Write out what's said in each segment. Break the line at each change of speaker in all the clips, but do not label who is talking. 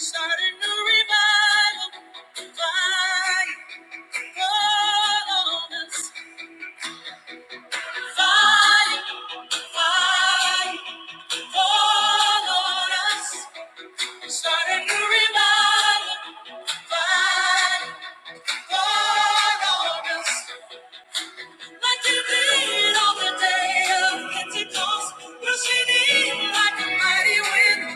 Starting to revival, fire, fall on us. Like you did on the day of Pentecost, rushing in like a mighty wind.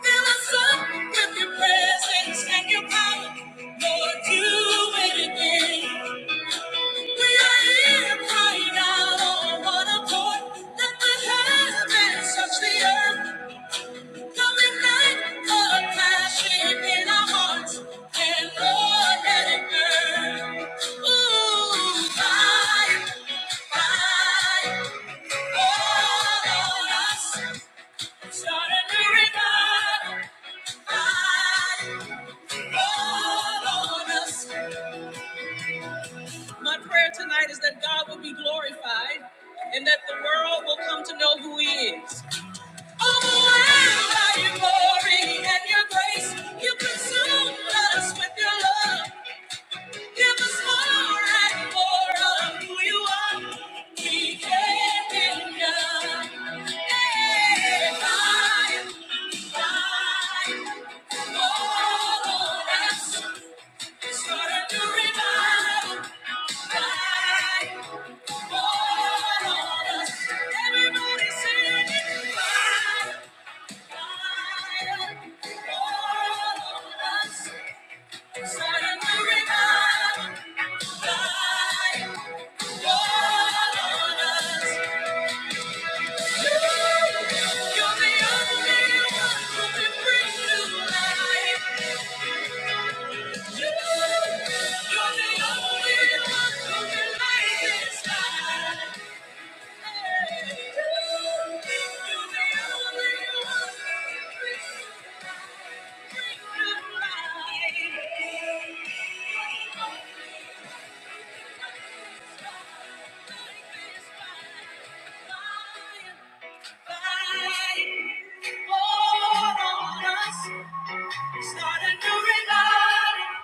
Fill us up with your presence and your power. Lord, do it again. We are here crying out on one accord. Let the heavens touch the earth. Come ignite a passion in our hearts. And Lord, let it burn. Ooh, fire, fire, fall on us. Start a new revival. God on us. My prayer tonight is that God will be glorified and that the world will come to know who He is. Overwhelmed by your glory and your grace, you consume us with your love. Give us more and more of who you are. We can't be enough. Hey, fire, fire, fall on us. Start a new revival. You're the only one who can light this fire. Start a new revival.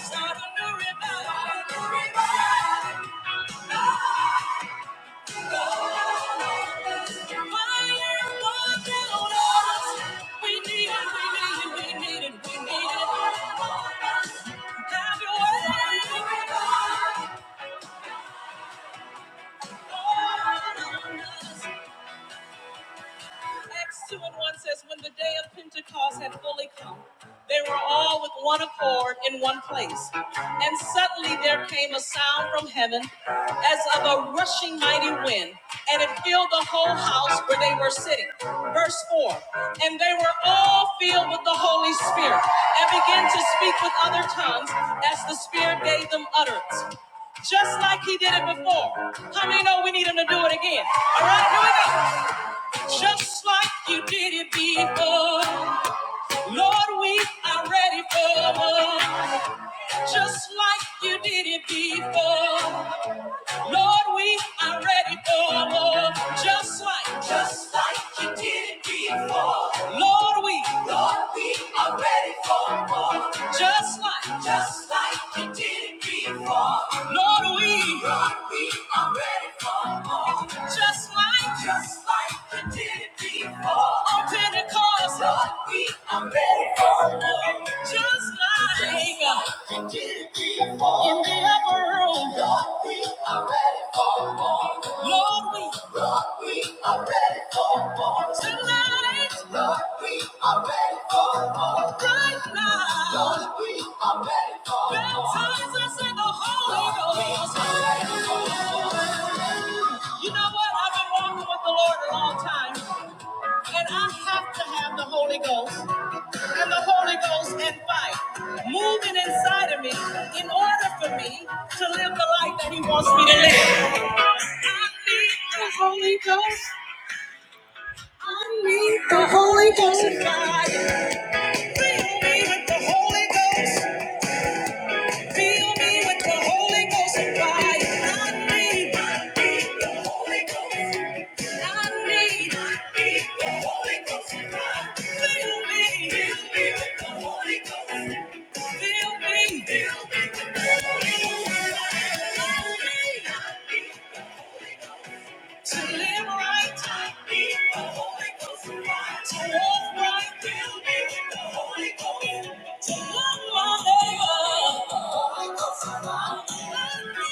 Start a new revival. Have your way. Acts 2 and 1 says, When the day of Pentecost had fully come, they were all with one accord in one place. And suddenly there came a sound from heaven as of a rushing mighty wind, and it filled the whole house where they were sitting. Verse 4 And they were all filled with the Holy Spirit and began to speak with other tongues as the Spirit gave them utterance, just like He did it before. How many know we need Him to do it again? All right, here we go. Just like you did it before. Lord, we are ready for more. Just like you did it before. Lord, we are ready for more, just like, just like you did it before. Lord, we, Lord, we are ready for more, just like, just like you did it before. Lord, we, Lord, we are ready for more, just like, just like you did it before. On Pentecost, Lord, we are ready for more, just like, just like you did it before. In the upper room, Lord, we are Lord, we are tonight, we are ready. right now. Baptize us in the Holy Ghost. You know what? I've been walking with the Lord a long time, and I have to have the Holy Ghost and the Holy Ghost and fire moving inside of me in order for me to live the life that He wants me to live. I need the Holy Ghost. I need the Holy Ghost. God, fill me with the Holy Ghost. Fill me with the Holy Ghost fire. I need, I need the Holy Ghost. I need, I need the Holy Ghost fire. Fill me, fill me with the Holy Ghost. Fill me, fill me with the Holy Ghost fire. To live right, to be the Holy Ghost right, to walk right, to be with the Holy Ghost, to love my neighbor, the Holy Ghost right, let me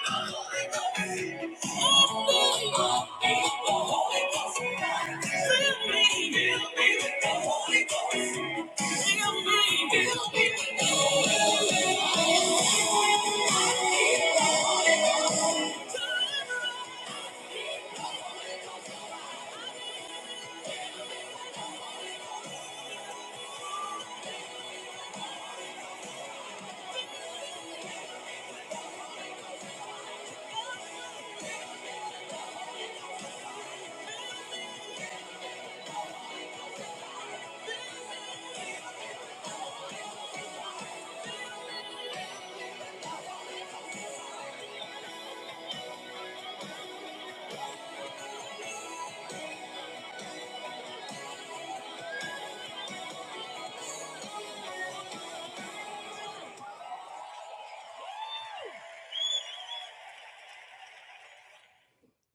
not be the Holy Ghost, let me not be the Holy Ghost right, fill me, fill me with the Holy Ghost, fill me, fill me with the Holy Ghost.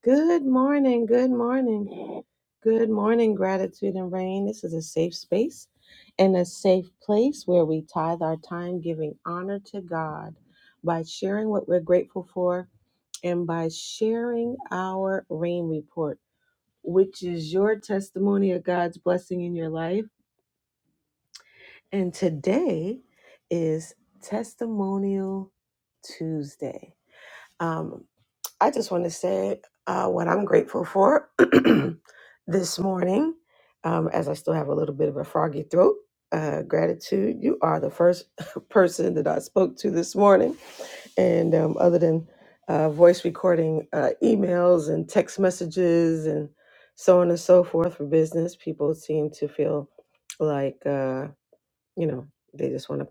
Good morning. Good morning. Good morning, gratitude and rain. This is a safe space and a safe place where we tithe our time giving honor to God by sharing what we're grateful for and by sharing our rain report, which is your testimony of God's blessing in your life. And today is Testimonial Tuesday. Um. I just want to say uh, what I'm grateful for this morning, um, as I still have a little bit of a froggy throat. Uh, gratitude. You are the first person that I spoke to this morning. And um, other than uh, voice recording, uh, emails and text messages and so on and so forth for business, people seem to feel like, uh, you know, they just want to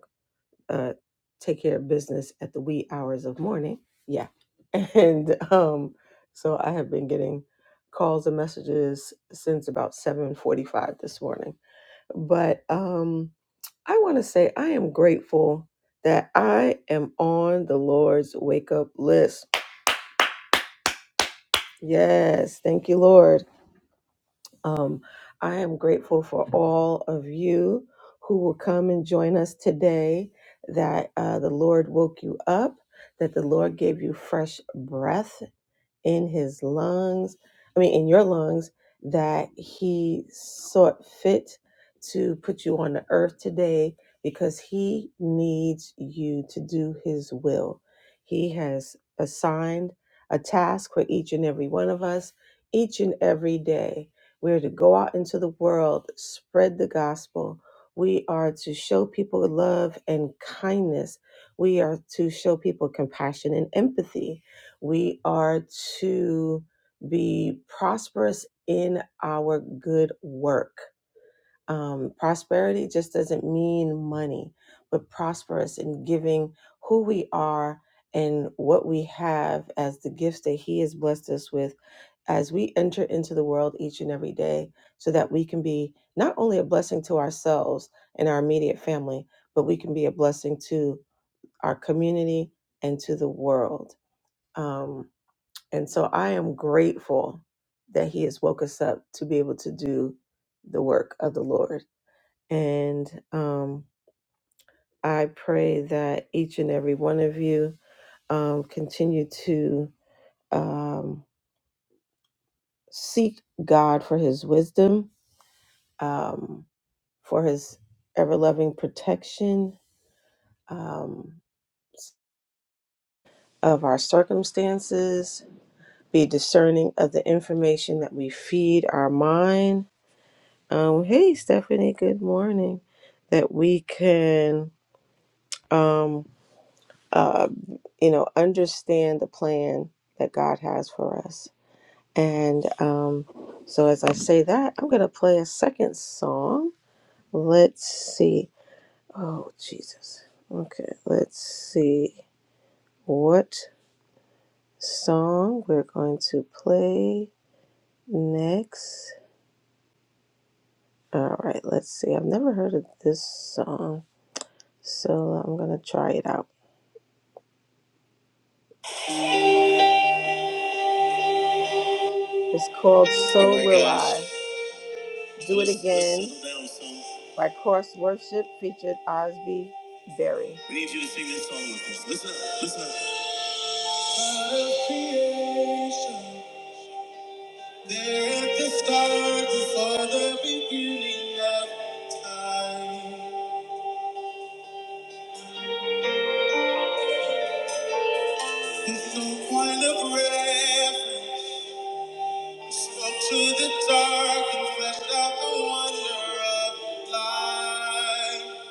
uh, take care of business at the wee hours of morning. Yeah. And um, so I have been getting calls and messages since about 7:45 this morning. But um, I want to say I am grateful that I am on the Lord's wake up list. Yes, thank you, Lord. Um, I am grateful for all of you who will come and join us today, that uh, the Lord woke you up, that the Lord gave you fresh breath in his lungs, I mean, in your lungs, that he sought fit to put you on the earth today because he needs you to do his will. He has assigned a task for each and every one of us each and every day. We're to go out into the world, spread the gospel. We are to show people love and kindness. We are to show people compassion and empathy we are to be prosperous in our good work. Um, prosperity just doesn't mean money, but prosperous in giving who we are and what we have as the gifts that He has blessed us with as we enter into the world each and every day, so that we can be not only a blessing to ourselves and our immediate family, but we can be a blessing to our community and to the world. Um, and so I am grateful that He has woke us up to be able to do the work of the Lord. And um, I pray that each and every one of you um, continue to um, seek God for His wisdom, um, for His ever loving protection um, of our circumstances, be discerning of the information that we feed our mind Um, hey, Stephanie, good morning. That we can, um, uh, you know, understand the plan that God has for us. And um, so, as I say that, I'm going to play a second song. Let's see. Oh, Jesus. Okay, let's see what song we're going to play next. All right, let's see. I've never heard of this song, so I'm going to try it out. It's called So Will I. Do It Again by Cross Worship featured Osby Berry. We need you to sing this song with us. Listen up, listen up. Out of creation, there at the start, before the beginning of time, with no point of reference, spoke to the dark and fleshed out the wonder of life.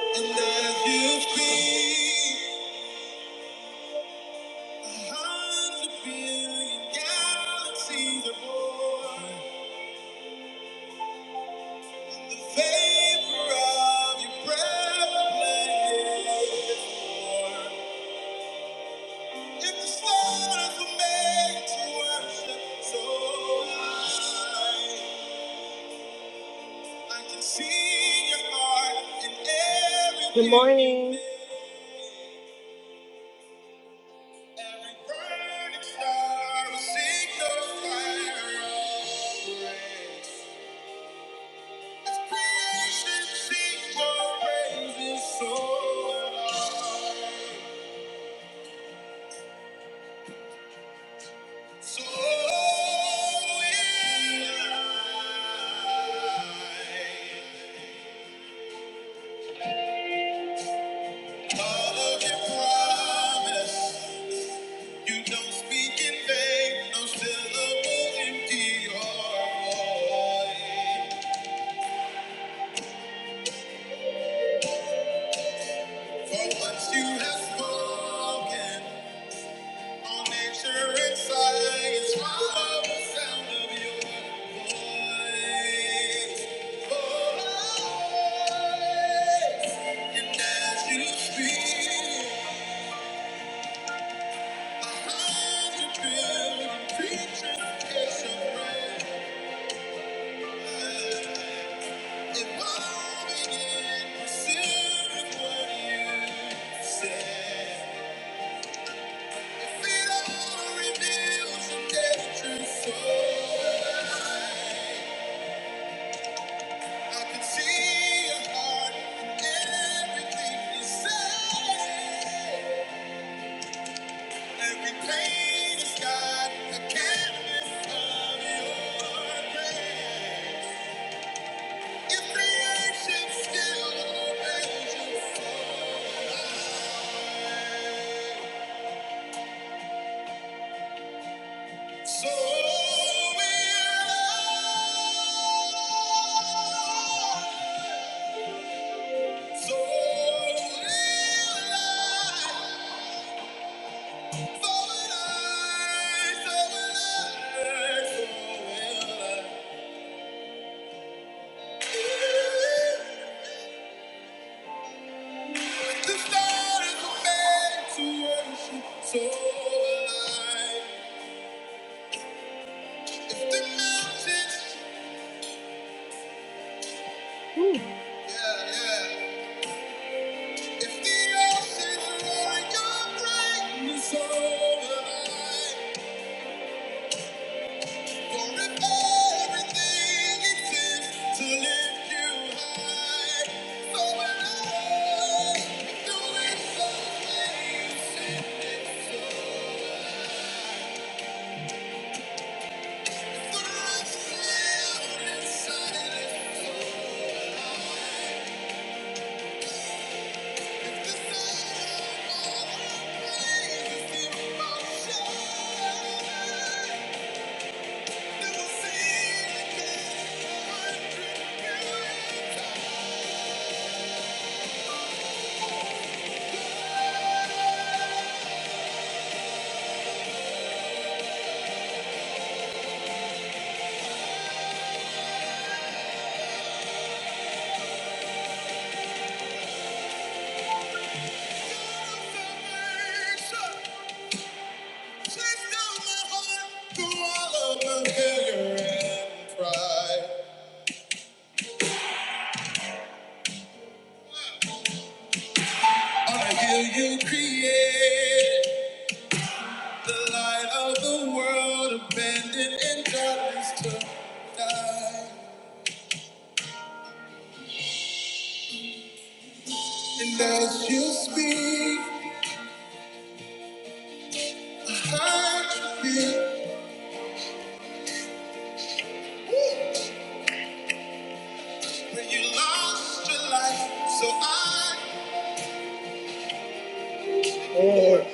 And as you've been. so Good morning. For what you have spoken. If it all reveals the truth, so I can see your heart in everything you say. Every pain is God, canvas of your grace. Your creation still obeys you. So will I. So will I. The stars are made to worship, so will I. If the mountains, yeah, yeah. If the oceans roar your greatness, so will I. Thank you. I hear you create the light of the world, abandoned in darkness tonight. And as you speak, I feel when you lost your life, so I. Lord.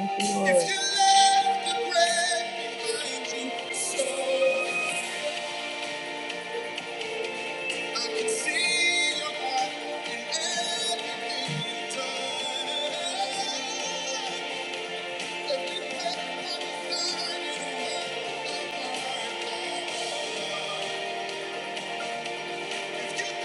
Thank you, If Lord. you left the grave behind you, so I can see your heart in everything done. Every breath I'm dying, you are. If you died,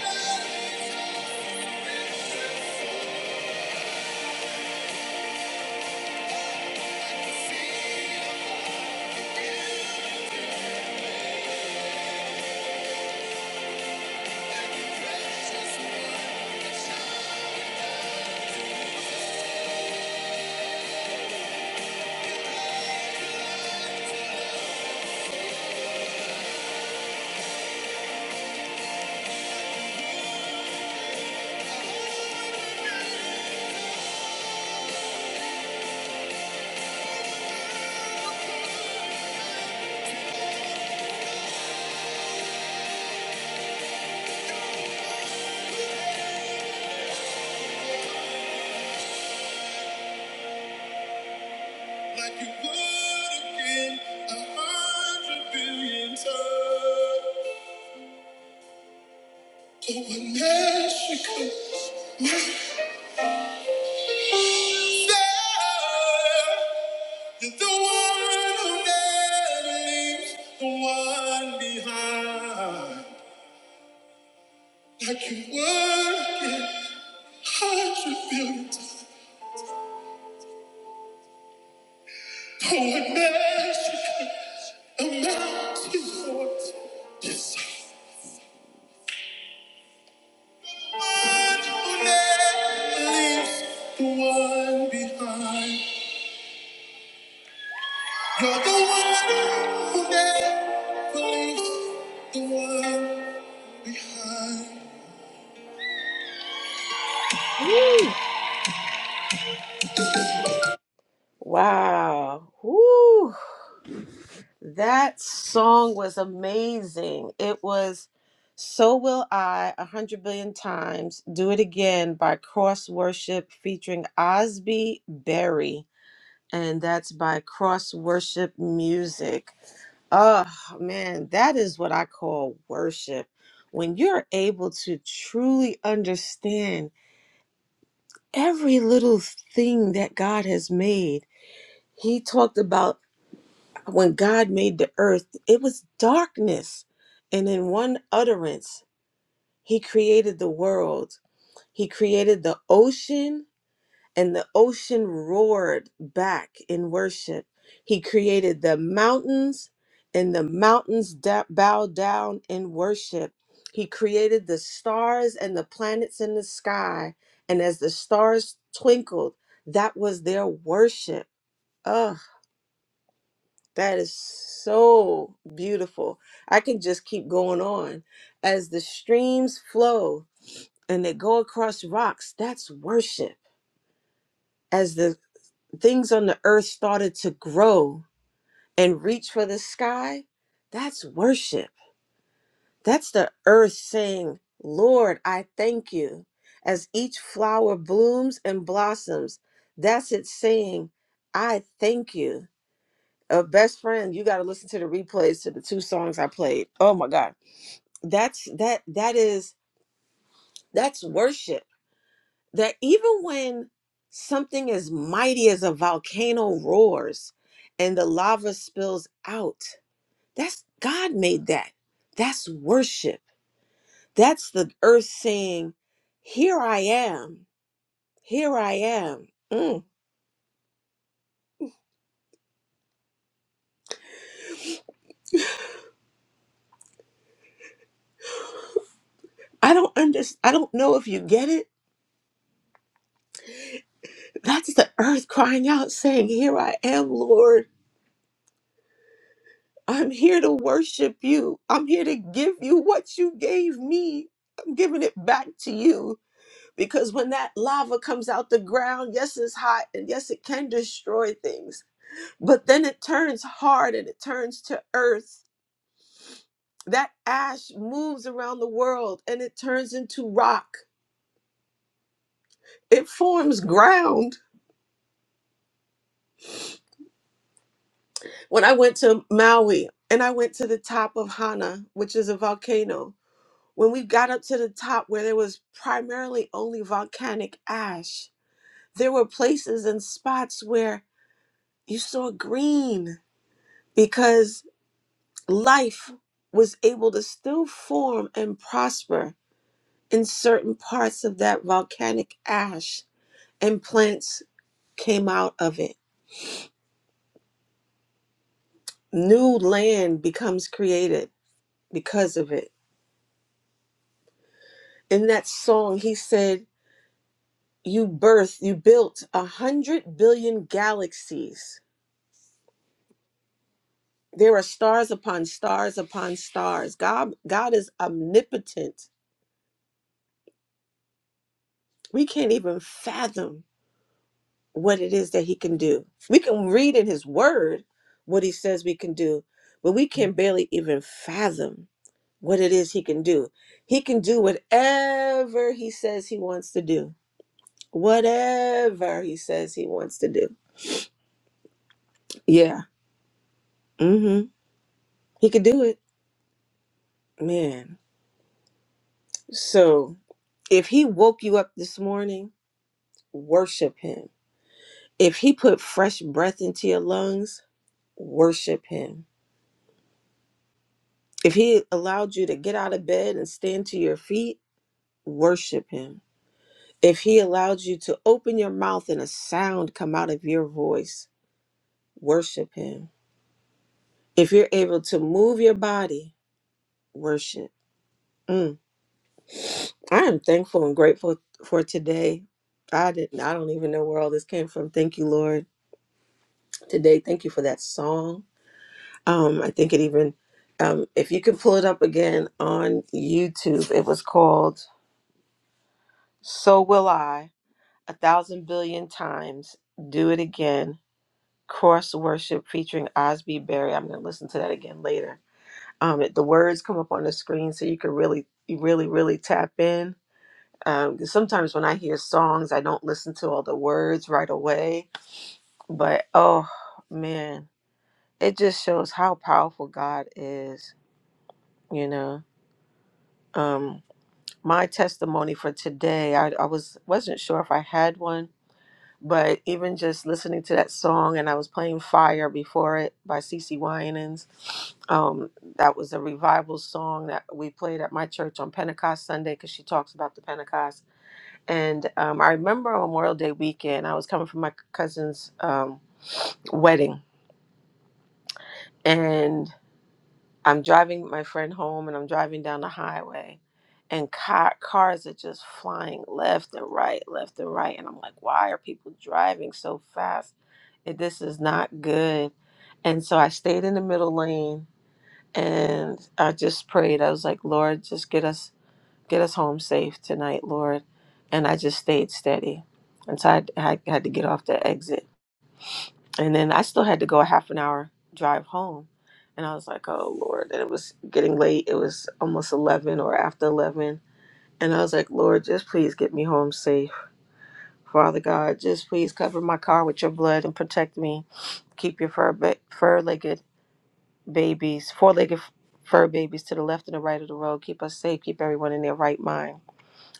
like you would again, a hundred billion times. Over Mexico, there, The one who never leaves the one behind. Like you work in hard to build for a magic amount to what The one who never leaves the one behind. You're the one who never leaves the world behind. Wow. Woo. That song was amazing. It was So Will I a hundred billion times. Do It Again by Cross Worship featuring Osby Berry. And that's by Cross Worship Music. Oh man, that is what I call worship. When you're able to truly understand every little thing that God has made. He talked about when God made the earth, it was darkness. And in one utterance, He created the world, He created the ocean, and the ocean roared back in worship. He created the mountains, and the mountains da- bowed down in worship. He created the stars and the planets in the sky, and as the stars twinkled, that was their worship. Ugh, that is so beautiful. I can just keep going on. As the streams flow and they go across rocks, that's worship As the things on the earth started to grow and reach for the sky, that's worship. That's the earth saying, Lord, I thank you. As each flower blooms and blossoms, that's it saying, I thank you. A best friend, you got to listen to the replays to the two songs I played. Oh my God. That's that that is that's worship that even when something as mighty as a volcano roars and the lava spills out, that's God made that. That's worship. That's the earth saying, "Here I am. Here I am." Mm. I don't understand. I don't know if you get it. That's the earth crying out, saying, "Here I am, Lord. I'm here to worship you. I'm here to give you what you gave me. I'm giving it back to you." Because when that lava comes out the ground, yes, it's hot and yes, it can destroy things, but then it turns hard and it turns to earth. That ash moves around the world and it turns into rock. It forms ground. When I went to Maui and I went to the top of Hana, which is a volcano, when we got up to the top where there was primarily only volcanic ash, there were places and spots where you saw green because life was able to still form and prosper in certain parts of that volcanic ash, and plants came out of it. New land becomes created because of it. In that song, he said, You birth, you built a hundred billion galaxies. There are stars upon stars upon stars. God, God is omnipotent. We can't even fathom what it is that he can do. We can read in his word what he says we can do, but we can barely even fathom what it is he can do. He can do whatever he says he wants to do. Whatever he says he wants to do. Yeah. Mhm. He could do it. Man. So, if he woke you up this morning, worship him. If he put fresh breath into your lungs, worship him. If he allowed you to get out of bed and stand to your feet, Worship him. If he allowed you to open your mouth and a sound come out of your voice, worship him. If you're able to move your body, worship. Mm. I am thankful and grateful for today. I didn't I don't even know where all this came from. Thank you, Lord. Today, thank you for that song. Um, I think it even um, if you could pull it up again on YouTube, it was called So Will I, a thousand billion times. Do it again Cross Worship featuring Osby Berry. I'm going to listen to that again later. Um, it- the words come up on the screen so you can really, you really, really tap in. Um, 'cause sometimes when I hear songs, I don't listen to all the words right away. But oh man, it just shows how powerful God is, you know. Um, my testimony for today, I, I was wasn't sure if I had one But even just listening to that song, and I was playing Fire before it by CC Winans. Um, that was a revival song that we played at my church on Pentecost Sunday because she talks about the Pentecost. And um, I remember on Memorial Day weekend, I was coming from my cousin's um, wedding. And I'm driving my friend home and I'm driving down the highway and car, cars are just flying left and right, left and right. And I'm like, why are people driving so fast? Eh, This is not good. And so I stayed in the middle lane and I just prayed. I was like, Lord, just get us get us home safe tonight, Lord. And I just stayed steady. And so I, I had to get off the exit and then I still had to go a half an hour drive home. And I was like, oh, Lord. And it was getting late. It was almost 11 or after 11. And I was like, Lord, just please get me home safe. Father God, just please cover my car with your blood and protect me. Keep your fur ba- fur-legged babies, four-legged f- fur babies to the left and the right of the road. Keep us safe. Keep everyone in their right mind.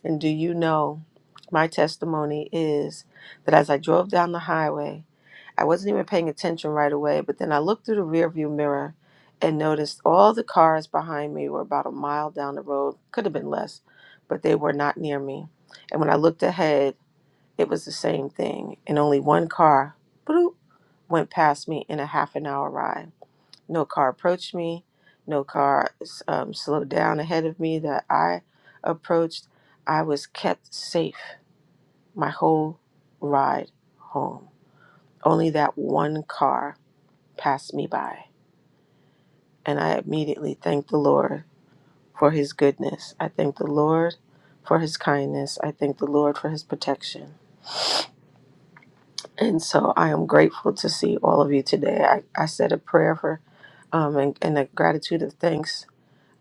And do you know my testimony is that as I drove down the highway, I wasn't even paying attention right away, but then I looked through the rearview mirror and noticed all the cars behind me were about a mile down the road. Could have been less, but they were not near me. And when I looked ahead, it was the same thing, and only one car bloop, went past me in a half an hour ride. No car approached me, no car um, slowed down ahead of me that I approached. I was kept safe my whole ride home. Only that one car passed me by. And I immediately thanked the Lord for his goodness. I thank the Lord for his kindness. I thank the Lord for his protection. And so I am grateful to see all of you today. I, I said a prayer for um, and, and a gratitude of thanks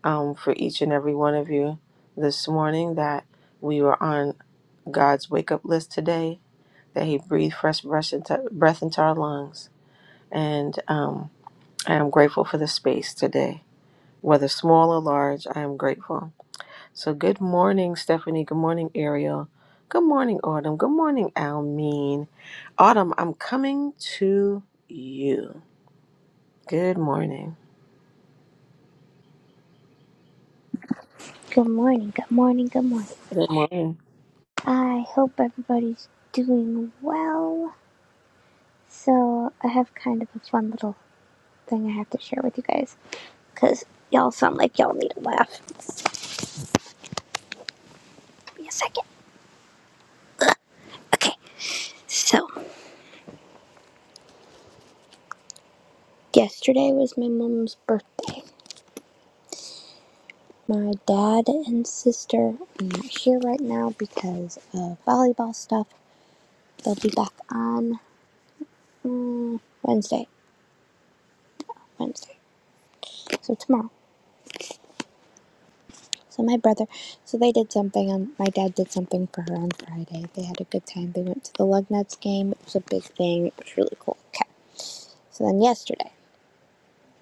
um, for each and every one of you this morning that we were on God's wake up list today, that He breathed fresh breath into, breath into our lungs. And um, I am grateful for the space today. Whether small or large, I am grateful. So, good morning, Stephanie. Good morning, Ariel. Good morning, Autumn. Good morning, Almeen. Autumn, I'm coming to you. Good morning.
Good morning, good morning, good morning.
Good morning.
I hope everybody's doing well. So, I have kind of a fun little thing I have to share with you guys because y'all sound like y'all need a laugh. Just give me a second. Okay, so yesterday was my mom's birthday. My dad and sister are not here right now because of volleyball stuff. They'll be back on mm, Wednesday. Wednesday. So, tomorrow. So my brother, so they did something on. My dad did something for her on Friday. They had a good time. They went to the Lugnuts game. It was a big thing. It was really cool. Okay. So then yesterday,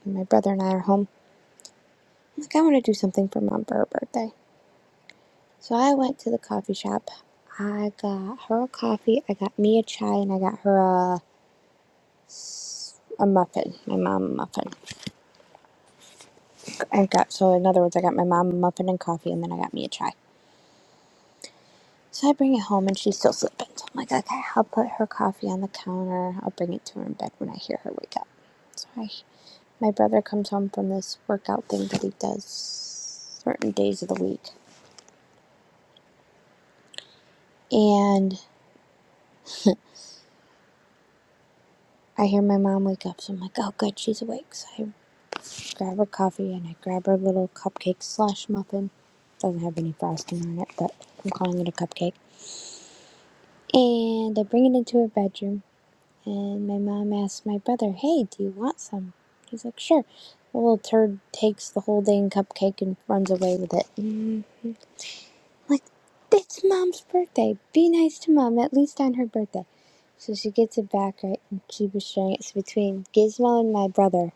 my brother and I are home. I'm like, I want to do something for mom for her birthday. So I went to the coffee shop. I got her a coffee. I got me a chai, and I got her a a muffin. My mom a muffin. I got so in other words, I got my mom a muffin and coffee, and then I got me a chai. So I bring it home and she's still sleeping. So I'm like, okay, I'll put her coffee on the counter. I'll bring it to her in bed when I hear her wake up. So I, my brother comes home from this workout thing that he does certain days of the week. And I hear my mom wake up. So I'm like, oh, good, she's awake. So I grab her coffee and I grab her little cupcake slash muffin. Doesn't have any frosting on it, but I'm calling it a cupcake. And I bring it into her bedroom And my mom asked my brother, Hey, do you want some? He's like, Sure. The little turd takes the whole dang cupcake and runs away with it. I'm like, It's mom's birthday. Be nice to mom, at least on her birthday. So she gets it back, right? And she was sharing it. It's between Gizmo and my brother.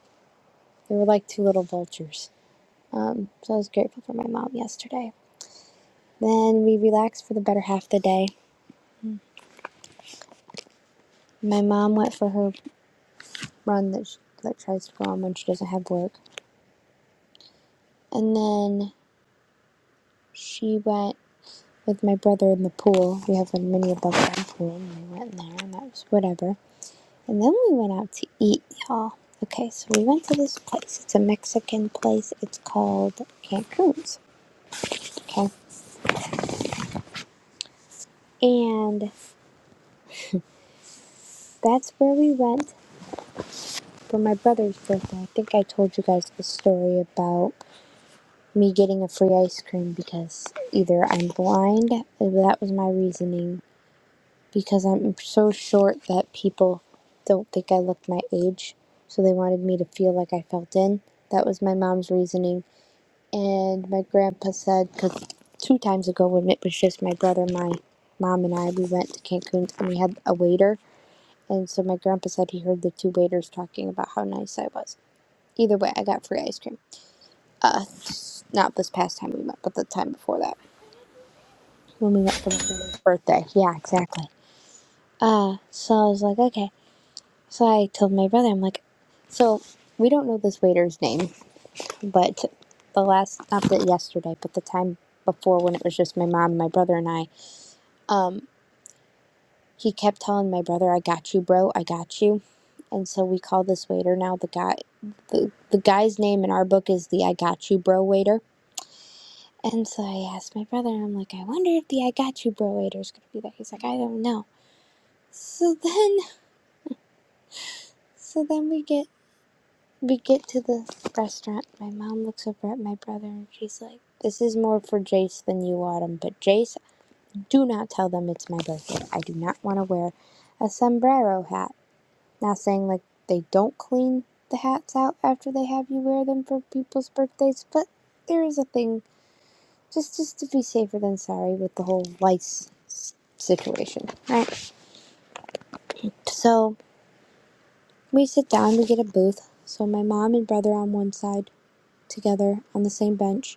They were like two little vultures. Um, so I was grateful for my mom yesterday. Then we relaxed for the better half of the day. My mom went for her run that she like tries to go on when she doesn't have work. And then she went with my brother in the pool. We have a mini above ground pool, and we went in there, and that was whatever. And then we went out to eat, y'all. Okay, so we went to this place. It's a Mexican place. It's called Cancun's. Okay, and that's where we went for my brother's birthday. I think I told you guys the story about me getting a free ice cream because either I'm blind, that was my reasoning, because I'm so short that people don't think I look my age. So they wanted me to feel like I felt in. That was my mom's reasoning. And my grandpa said, because two times ago when it was just my brother, my mom, and I, we went to Cancun and we had a waiter. And so my grandpa said he heard the two waiters talking about how nice I was. Either way, I got free ice cream. Uh, not this past time we went, but the time before that when we went for my brother's birthday. Yeah, exactly. Uh, so I was like, okay. So I told my brother, I'm like, so we don't know this waiter's name, but the last, not that yesterday, but the time before when it was just my mom, my brother, and I, um, he kept telling my brother, I got you, bro, I got you. And so we call this waiter now the guy, the, the guy's name in our book is the I got you, bro waiter. And so I asked my brother, and I'm like, I wonder if the I got you, bro waiter is going to be there. He's like, I don't know. So then, so then we get We get to the restaurant. My mom looks over at my brother and she's like, This is more for Jace than you, Autumn. But Jace, do not tell them it's my birthday. I do not want to wear a sombrero hat. Now, saying like they don't clean the hats out after they have you wear them for people's birthdays, but there is a thing, just, just to be safer than sorry with the whole lice situation, right? So we sit down, we get a booth. So my mom and brother on one side together on the same bench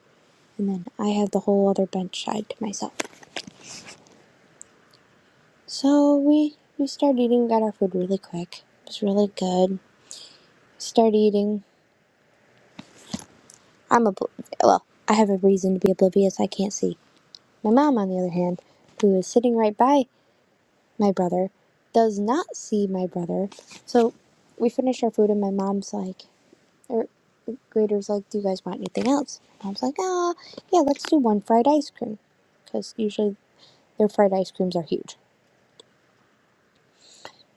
and then I have the whole other bench side to myself. So we we started eating, got our food really quick. It was really good. Started eating. I'm a well, I have a reason to be oblivious. I can't see. My mom, on the other hand, who is sitting right by my brother, does not see my brother. So we finished our food, and my mom's like, or Grader's like, "Do you guys want anything else?" Mom's like, "Ah, yeah, let's do one fried ice cream, because usually their fried ice creams are huge."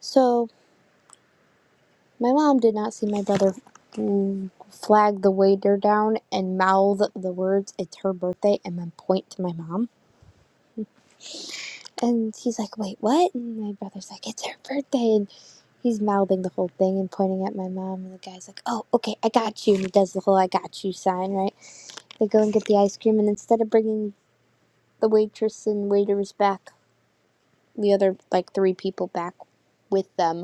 So My mom did not see my brother mm, flag the waiter down and mouth the words, It's her birthday, and then point to my mom. And he's like, Wait, what? And my brother's like, It's her birthday. And he's mouthing the whole thing and pointing at my mom. And the guy's like, Oh, okay, I got you. And he does the whole I got you sign, right? They go and get the ice cream. And instead of bringing the waitress and waiters back, the other like three people back with them,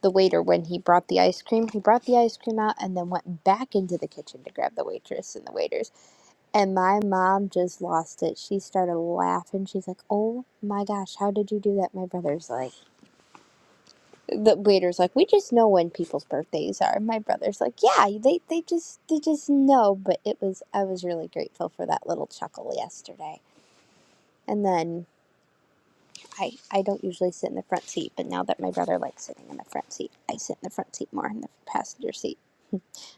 the waiter when he brought the ice cream. He brought the ice cream out and then went back into the kitchen to grab the waitress and the waiters. And my mom just lost it. She started laughing. She's like, "Oh my gosh, how did you do that?" My brother's like, the waiter's like, "We just know when people's birthdays are." My brother's like, "Yeah, they they just they just know." But it was I was really grateful for that little chuckle yesterday. And then I I don't usually sit in the front seat, but now that my brother likes sitting in the front seat, I sit in the front seat more in the passenger seat.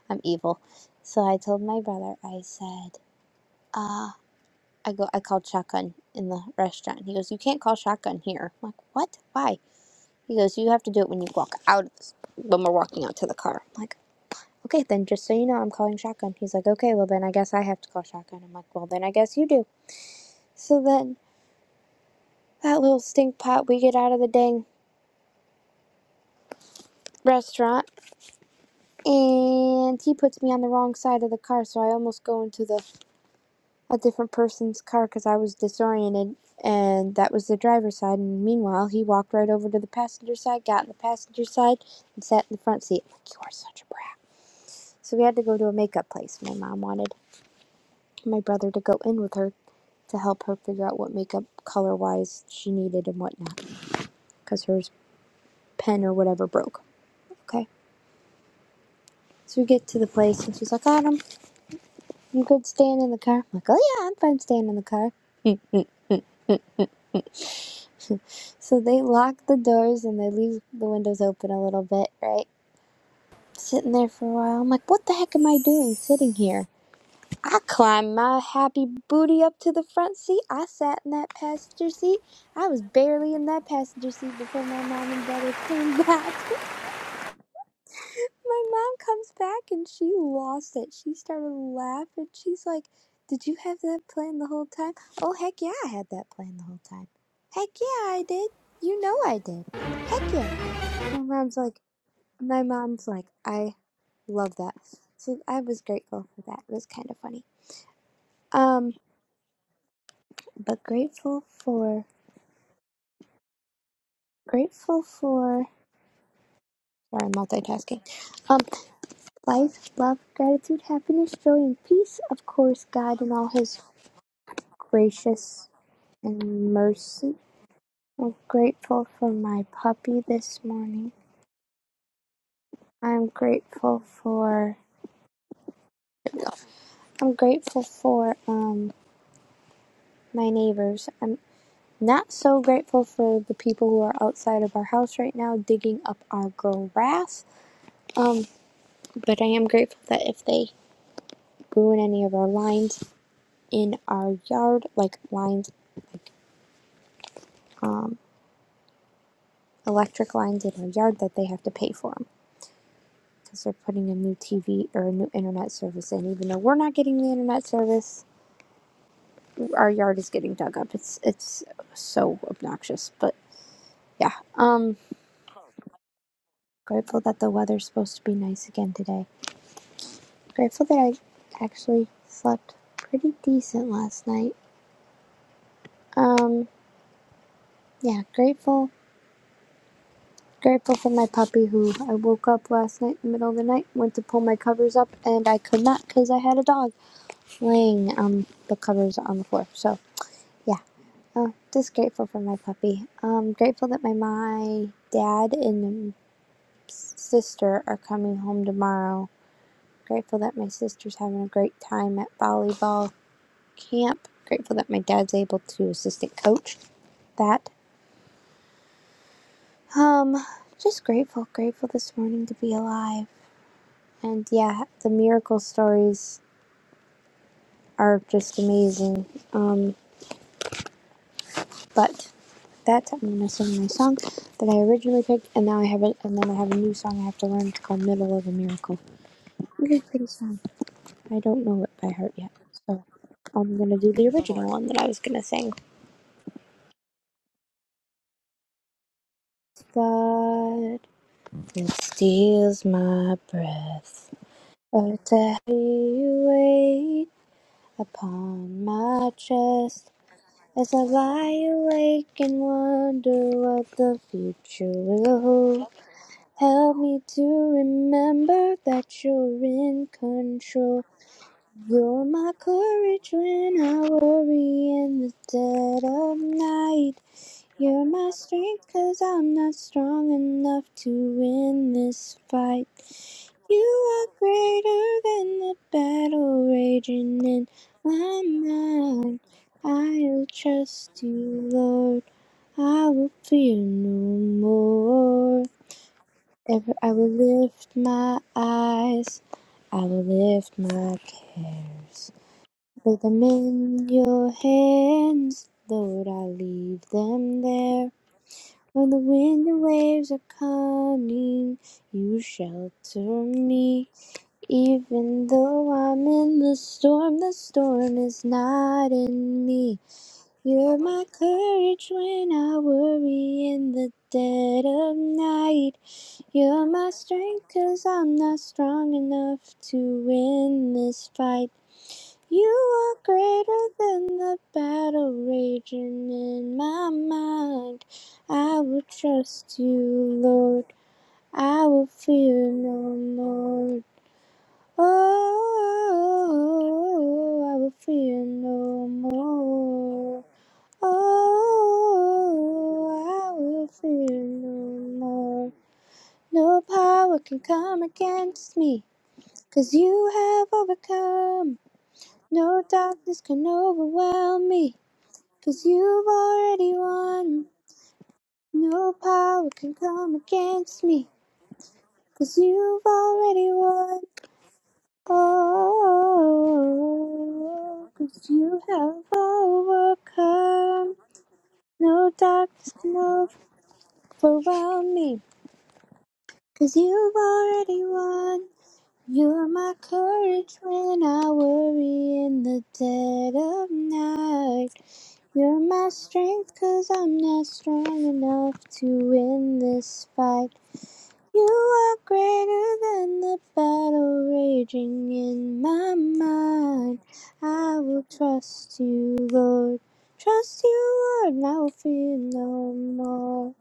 I'm evil. So I told my brother, I said, uh, I go, I called shotgun in the restaurant. He goes, you can't call shotgun here. I'm like, what? Why? He goes, you have to do it when you walk out of this, when we're walking out to the car. I'm like, okay, then just so you know, I'm calling shotgun. He's like, okay, well then I guess I have to call shotgun. I'm like, well then I guess you do. So then that little stink pot, we get out of the dang restaurant and he puts me on the wrong side of the car. So I almost go into the a different person's car because I was disoriented, and that was the driver's side. And meanwhile, he walked right over to the passenger side, got in the passenger side, and sat in the front seat. like, you are such a brat. So we had to go to a makeup place. My mom wanted my brother to go in with her to help her figure out what makeup color wise she needed and whatnot because her pen or whatever broke. Okay. So we get to the place and she's like, Adam, you good staying in the car? I'm like, oh yeah, I'm fine staying in the car. So they lock the doors and they leave the windows open a little bit, right? Sitting there for a while. I'm like, what the heck am I doing sitting here? I climbed my happy booty up to the front seat. I sat in that passenger seat. I was barely in that passenger seat before my mom and brother came back. my mom comes back and she lost it. She started laughing. She's like, Did you have that plan the whole time? Oh, heck yeah, I had that plan the whole time. Heck yeah, I did. You know I did. Heck yeah. My mom's like, my mom's like, I love that. So I was grateful for that. It was kind of funny. Um, but grateful for, grateful for, sorry, I'm multitasking. Um, life, love, gratitude, happiness, joy, and peace. Of course, God and all His gracious and mercy. I'm grateful for my puppy this morning. I'm grateful for, I'm grateful for, um, my neighbors. I'm Not so grateful for the people who are outside of our house right now digging up our grass. Um, but I am grateful that if they ruin any of our lines in our yard, like lines, um, electric lines in our yard, that they have to pay for them because they're putting a new TV or a new internet service in. Even though we're not getting the internet service, our yard is getting dug up. It's it's so obnoxious, but yeah. Um, grateful that the weather's supposed to be nice again today. Grateful that I actually slept pretty decent last night. Um, yeah, grateful. Grateful for my puppy who I woke up last night in the middle of the night, went to pull my covers up, and I could not because I had a dog laying um the covers on the floor. So yeah, uh, just grateful for my puppy. Um, grateful that my my dad and sister are coming home tomorrow. Grateful that my sister's having a great time at volleyball camp. Grateful that my dad's able to assistant coach that. Um, just grateful, grateful this morning to be alive. And yeah, the miracle stories are just amazing. Um, but that's I'm gonna sing my song that I originally picked, and now I have it, and then I have a new song I have to learn. It's called "Middle of a Miracle." Really pretty song. I don't know it by heart yet, so I'm gonna do the original one that I was gonna sing. God, it steals my breath. Earth a heavy weight upon my chest as I lie awake and wonder what the future will hold. Help me to remember that you're in control. You're my courage when I worry in the dead of night. You're my strength, cause I'm not strong enough to win this fight. You are greater than the battle raging in my mind. I will trust you, Lord. I will fear no more. Ever I will lift my eyes. I will lift my cares. Lay them in your hands, Lord. I leave them there. When the wind and waves are coming, you shelter me. Even though I'm in the storm, the storm is not in me. You're my courage when I worry in the dead of night. You're my strength i I'm not strong enough to win this fight. You are greater than the battle raging in my mind. I will trust you, Lord. I will fear no more. Oh, I will fear no more. Oh, I will fear no more. No power can come against me, 'cause you have overcome. No darkness can overwhelm me, you you've already won. No power can come against me, you you've already won. Oh, 'cause you have overcome. No darkness can overwhelm me, you you've already won. You're my courage when I worry in the dead of night. You're my strength cause I'm not strong enough to win this fight. You are greater than the battle raging in my mind. I will trust you, Lord. Trust you, Lord, and I will fear no more.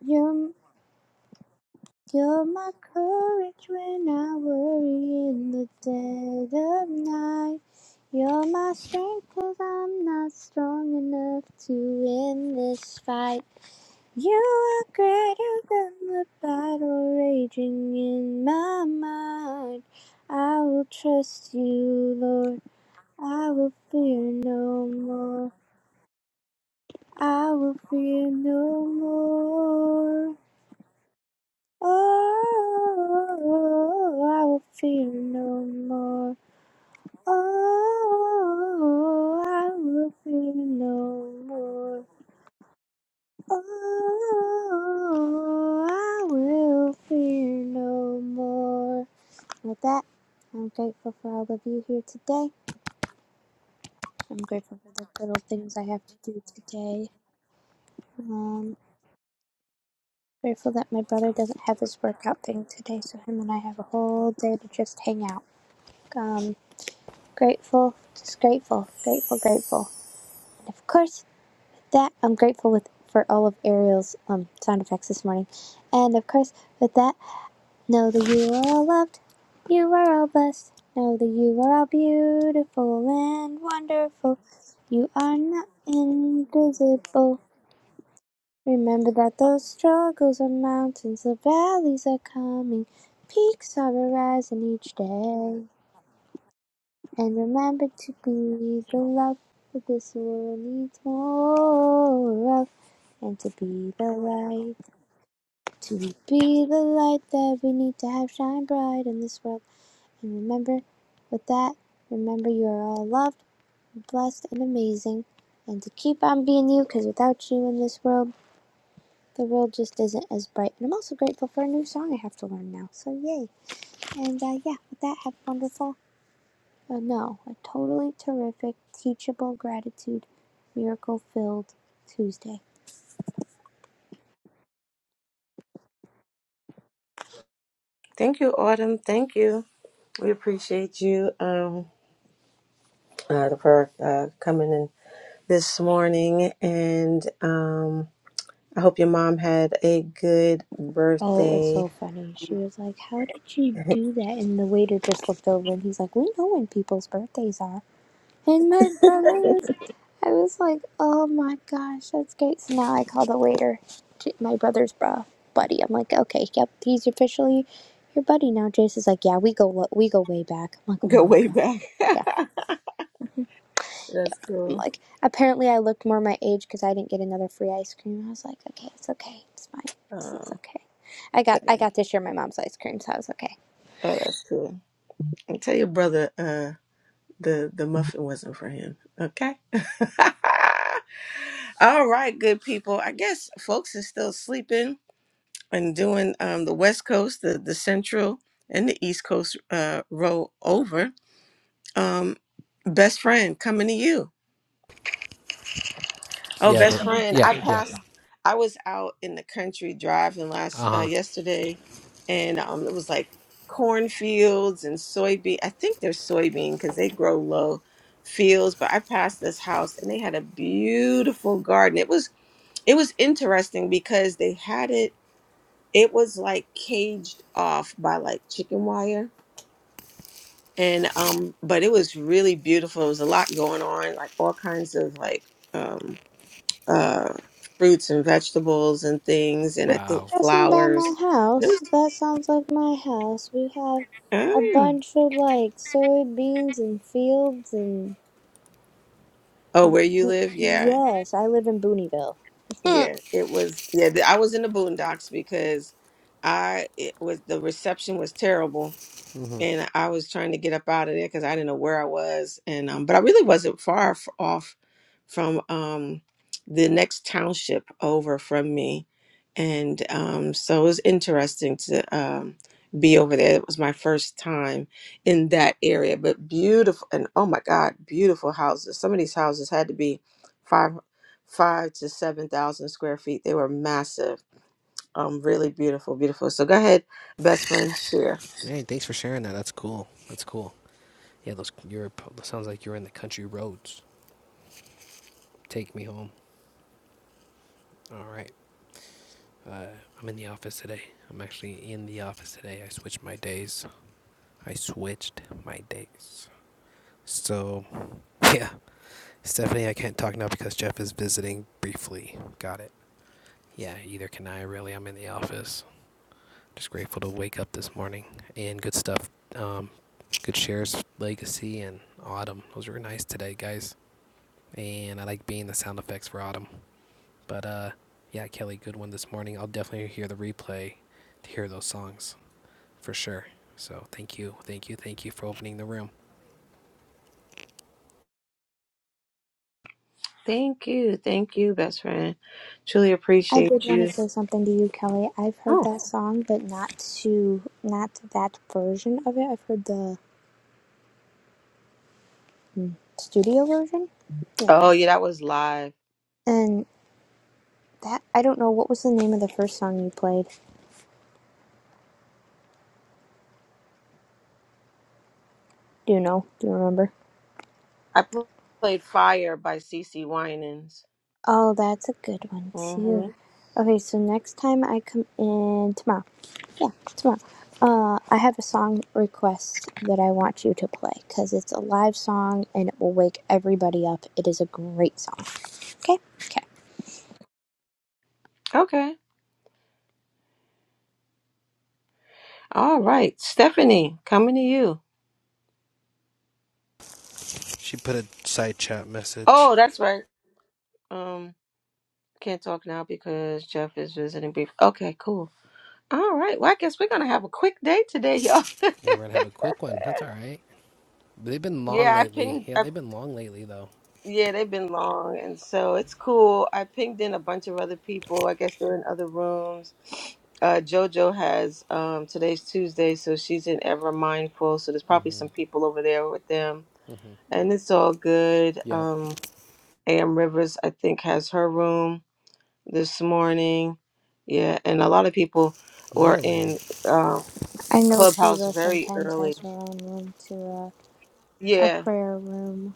You're you're my courage when I worry in the dead of night. You're my strength i I'm not strong enough to win this fight. You are greater than the battle raging in my mind. I will trust you, Lord. I will fear no more. I will fear no more. Oh, I will fear no more. Oh, I will fear no more. Oh, I will fear no more. And With that, I'm grateful for all of you here today. I'm grateful for the little things I have to do today. Um, grateful that my brother doesn't have his workout thing today, so him and I have a whole day to just hang out. Um. grateful, just grateful, grateful, grateful. And of course, with that I'm grateful with for all of Ariel's um sound effects this morning. And of course, with that, know that you are all loved, you are all blessed. Know that you are all beautiful and wonderful. You are not invisible. Remember that those struggles are mountains, the valleys are coming, peaks are arising each day. And remember to be the love that this world needs more of. And to be the light, to be the light that we need to have shine bright in this world. And remember, with that, remember you are all loved, blessed, and amazing. And to keep on being you, because without you in this world, the world just isn't as bright. And I'm also grateful for a new song I have to learn now. So, yay. And uh, yeah, with that, have a wonderful But no, a totally terrific, teachable gratitude, miracle filled Tuesday.
Thank you, Autumn. Thank you. We appreciate you um, uh, for uh, coming in this morning. And um, I hope your mom had a good
Oh, it was
birthday.
so funny. She was like, How did you do that? And the waiter just looked over and he's like, We know when people's birthdays are. And my brother was, I was like, Oh my gosh, that's great. So now I call the waiter, my brother's bro buddy. I'm like, Okay, yep, he's officially your buddy now. Jace is like, Yeah, we go, we go way back. I'm like, Oh
Go
my
way
God.
back.
yeah."
that's cool.
like, apparently I looked more my age because I didn't get another free ice cream. I was like, okay, it's okay, it's fine, it's, it's
Um,
okay. I got
that-
I got to share my mom's ice cream, so I was okay.
oh, that's cool. And Tell your brother uh the the muffin wasn't for him. Okay. All right, good people. I guess folks is still sleeping and doing um the West Coast, the the Central and the East Coast uh roll over. Um best friend coming to you. Oh,
Yeah,
best Yeah.
they.
friend.
Yeah,
I Yeah.
yeah.
passed. I was out in the country driving last uh,
Uh huh.
yesterday, and um, it was like cornfields and soybean. I think they're soybean because they grow low fields. But I passed this house, and they had a beautiful garden. It was it was interesting because they had it. It was like caged off by like chicken wire, and um, but it was really beautiful. It was a lot going on, like all kinds of like um uh, fruits and vegetables and things, and
We're
I think
Wow.
passing by
flowers.
my
And It was,
house. That sounds like my house. We have a
oh,
bunch of like soybeans and fields and
oh, where you
we,
live? Yeah,
yes, I live in Booneyville.
yeah. It was. Yeah, th- I was in the boondocks because I it was the reception was terrible
hmm
and I was trying to get up out of there because I didn't know where I was, and um, but I really wasn't far f- off from um, the next township over from me, and um, so it was interesting to um, be over there. It was my first time in that area, but beautiful and oh my God, beautiful houses. Some of these houses had to be five five to seven thousand square feet. They were massive, um, really beautiful, beautiful. So go ahead, best friend, share.
Hey, thanks for sharing that. That's cool. That's cool. Yeah, those Europe. Sounds like you're in the country roads. Take me home. All right. Uh, I'm in the office today. I'm actually in the office today. I switched my days. I switched my days. So, yeah. Stephanie, I can't talk now because Jeff is visiting briefly. Got it. Yeah, either can I, really. I'm in the office. Just grateful to wake up this morning and good stuff. Um, good shares, Legacy and Autumn. Those were nice today, guys. And I like being the sound effects for Autumn. But uh, yeah, Kelly, good one this morning. I'll definitely hear the replay to hear those songs for sure. So thank you, thank you, thank you for opening the room.
Thank you. Thank you, best friend. Truly
I did
appreciate
want to
you.
say something to you, Kelly. I've heard
Oh.
that song, but not to not that version of it. I've heard the mm. studio version. Yeah.
Oh, yeah, that was live.
And that I don't know what was the name of the first song you played. Do you know? Do you remember?
I pl- played Fire by CeCe Winans.
Oh, that's a good one too.
hmm
Okay, so next time I come in tomorrow. Yeah, tomorrow. Uh, I have a song request that I want you to play because it's a live song and it will wake everybody up. It is a great song. Okay. Okay.
Okay. All right. Stephanie, coming to you.
She put a side chat message.
Oh, that's right. Um, can't talk now because Jeff is visiting brief. Okay, cool. All right. Well, I guess we're gonna have a quick day today, y'all.
Yeah, we're gonna have a quick one. That's all right. They've been long
Yeah, I
lately.
pinged.
Yeah,
I
they've been long lately though.
Yeah, they've been long, and so it's cool. I pinged in a bunch of other people. I guess they're in other rooms. Uh, JoJo has um, today's Tuesday, so she's in Ever Mindful. So there's probably some people over there with them, and it's all good.
Yep.
Um, Am Rivers, I think, has her room this morning. Yeah, and a lot of people were
Really?
in uh,
I know
Clubhouse
Sheila
very
sometimes
early.
has her own room to a, a
Yeah,
prayer room.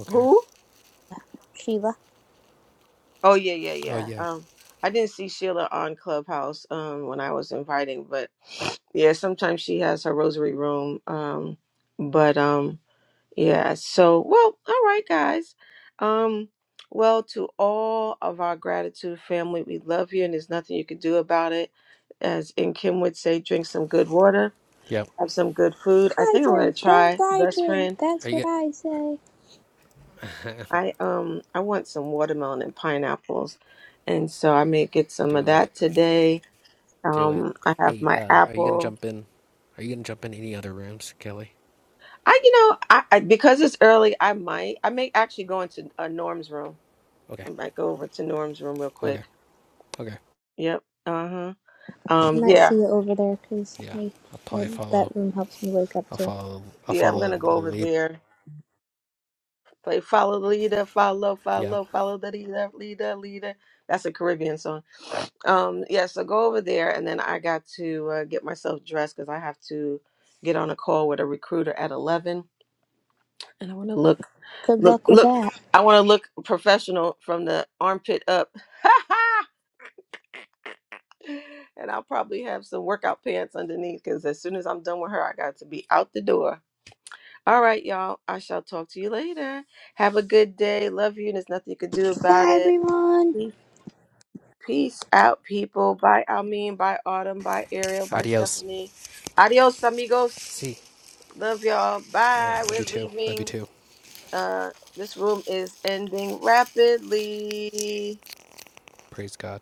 Okay.
who?
Sheila.
Oh yeah, yeah,
Oh
yeah.
yeah.
Um, I didn't see Sheila on Clubhouse um when I was inviting, but yeah, sometimes she has her rosary room. Um, but um, yeah. So well, all right, guys. Um, well, to all of our gratitude family, we love you, and there's nothing you can do about it. As in Kim would say, drink some good water,
Yep.
have some good food. I think I'm gonna
Hydrate, don't
try best
hydrate.
friend.
Are
That's
you
what
get
I say.
I um I want some watermelon and pineapples, and so I may get some of
do it?
that today.
Do it.
Um, I have
Hey,
my
uh, are you gonna
apple.
jump in? Are you gonna jump in any other rooms, Kelly?
I you know I, I because it's early, I might I may actually go into uh, Norm's room.
Okay.
I might go over to Norm's room real quick.
Okay. Okay.
Yep. Uh huh.
I
Um.
might
Yeah.
see you over there because
Yeah.
I,
I'll probably
I
follow.
that room helps me wake up
I'll
too.
follow. I'll
Yeah. I'm
follow
gonna go
the
over
lead.
there Play follow the leader, follow,
Yeah.
follow, follow the leader, leader, leader. That's a Caribbean song. Um, yeah, so go over there, and then I got to uh, get myself dressed because I have to get on a call with a recruiter at eleven, and I want to look,
Good
look,
luck with
look.
that.
I want to look professional from the armpit up, and I'll probably have some workout pants underneath because as soon as I'm done with her, I got to be out the door. All right, y'all. I shall talk to you later. Have a good day. Love you, and there's nothing you can do about
Bye
it.
everyone.
Peace peace out, people. Bye, Almeen. Bye, Autumn. Bye, Ariel. Bye,
Adios.
Stephanie. Adios, amigos.
See.
Love y'all.
Right.
Bye.
Love
We're
you too. Love you
leaving.
too.
Uh, this room is ending rapidly.
Praise God.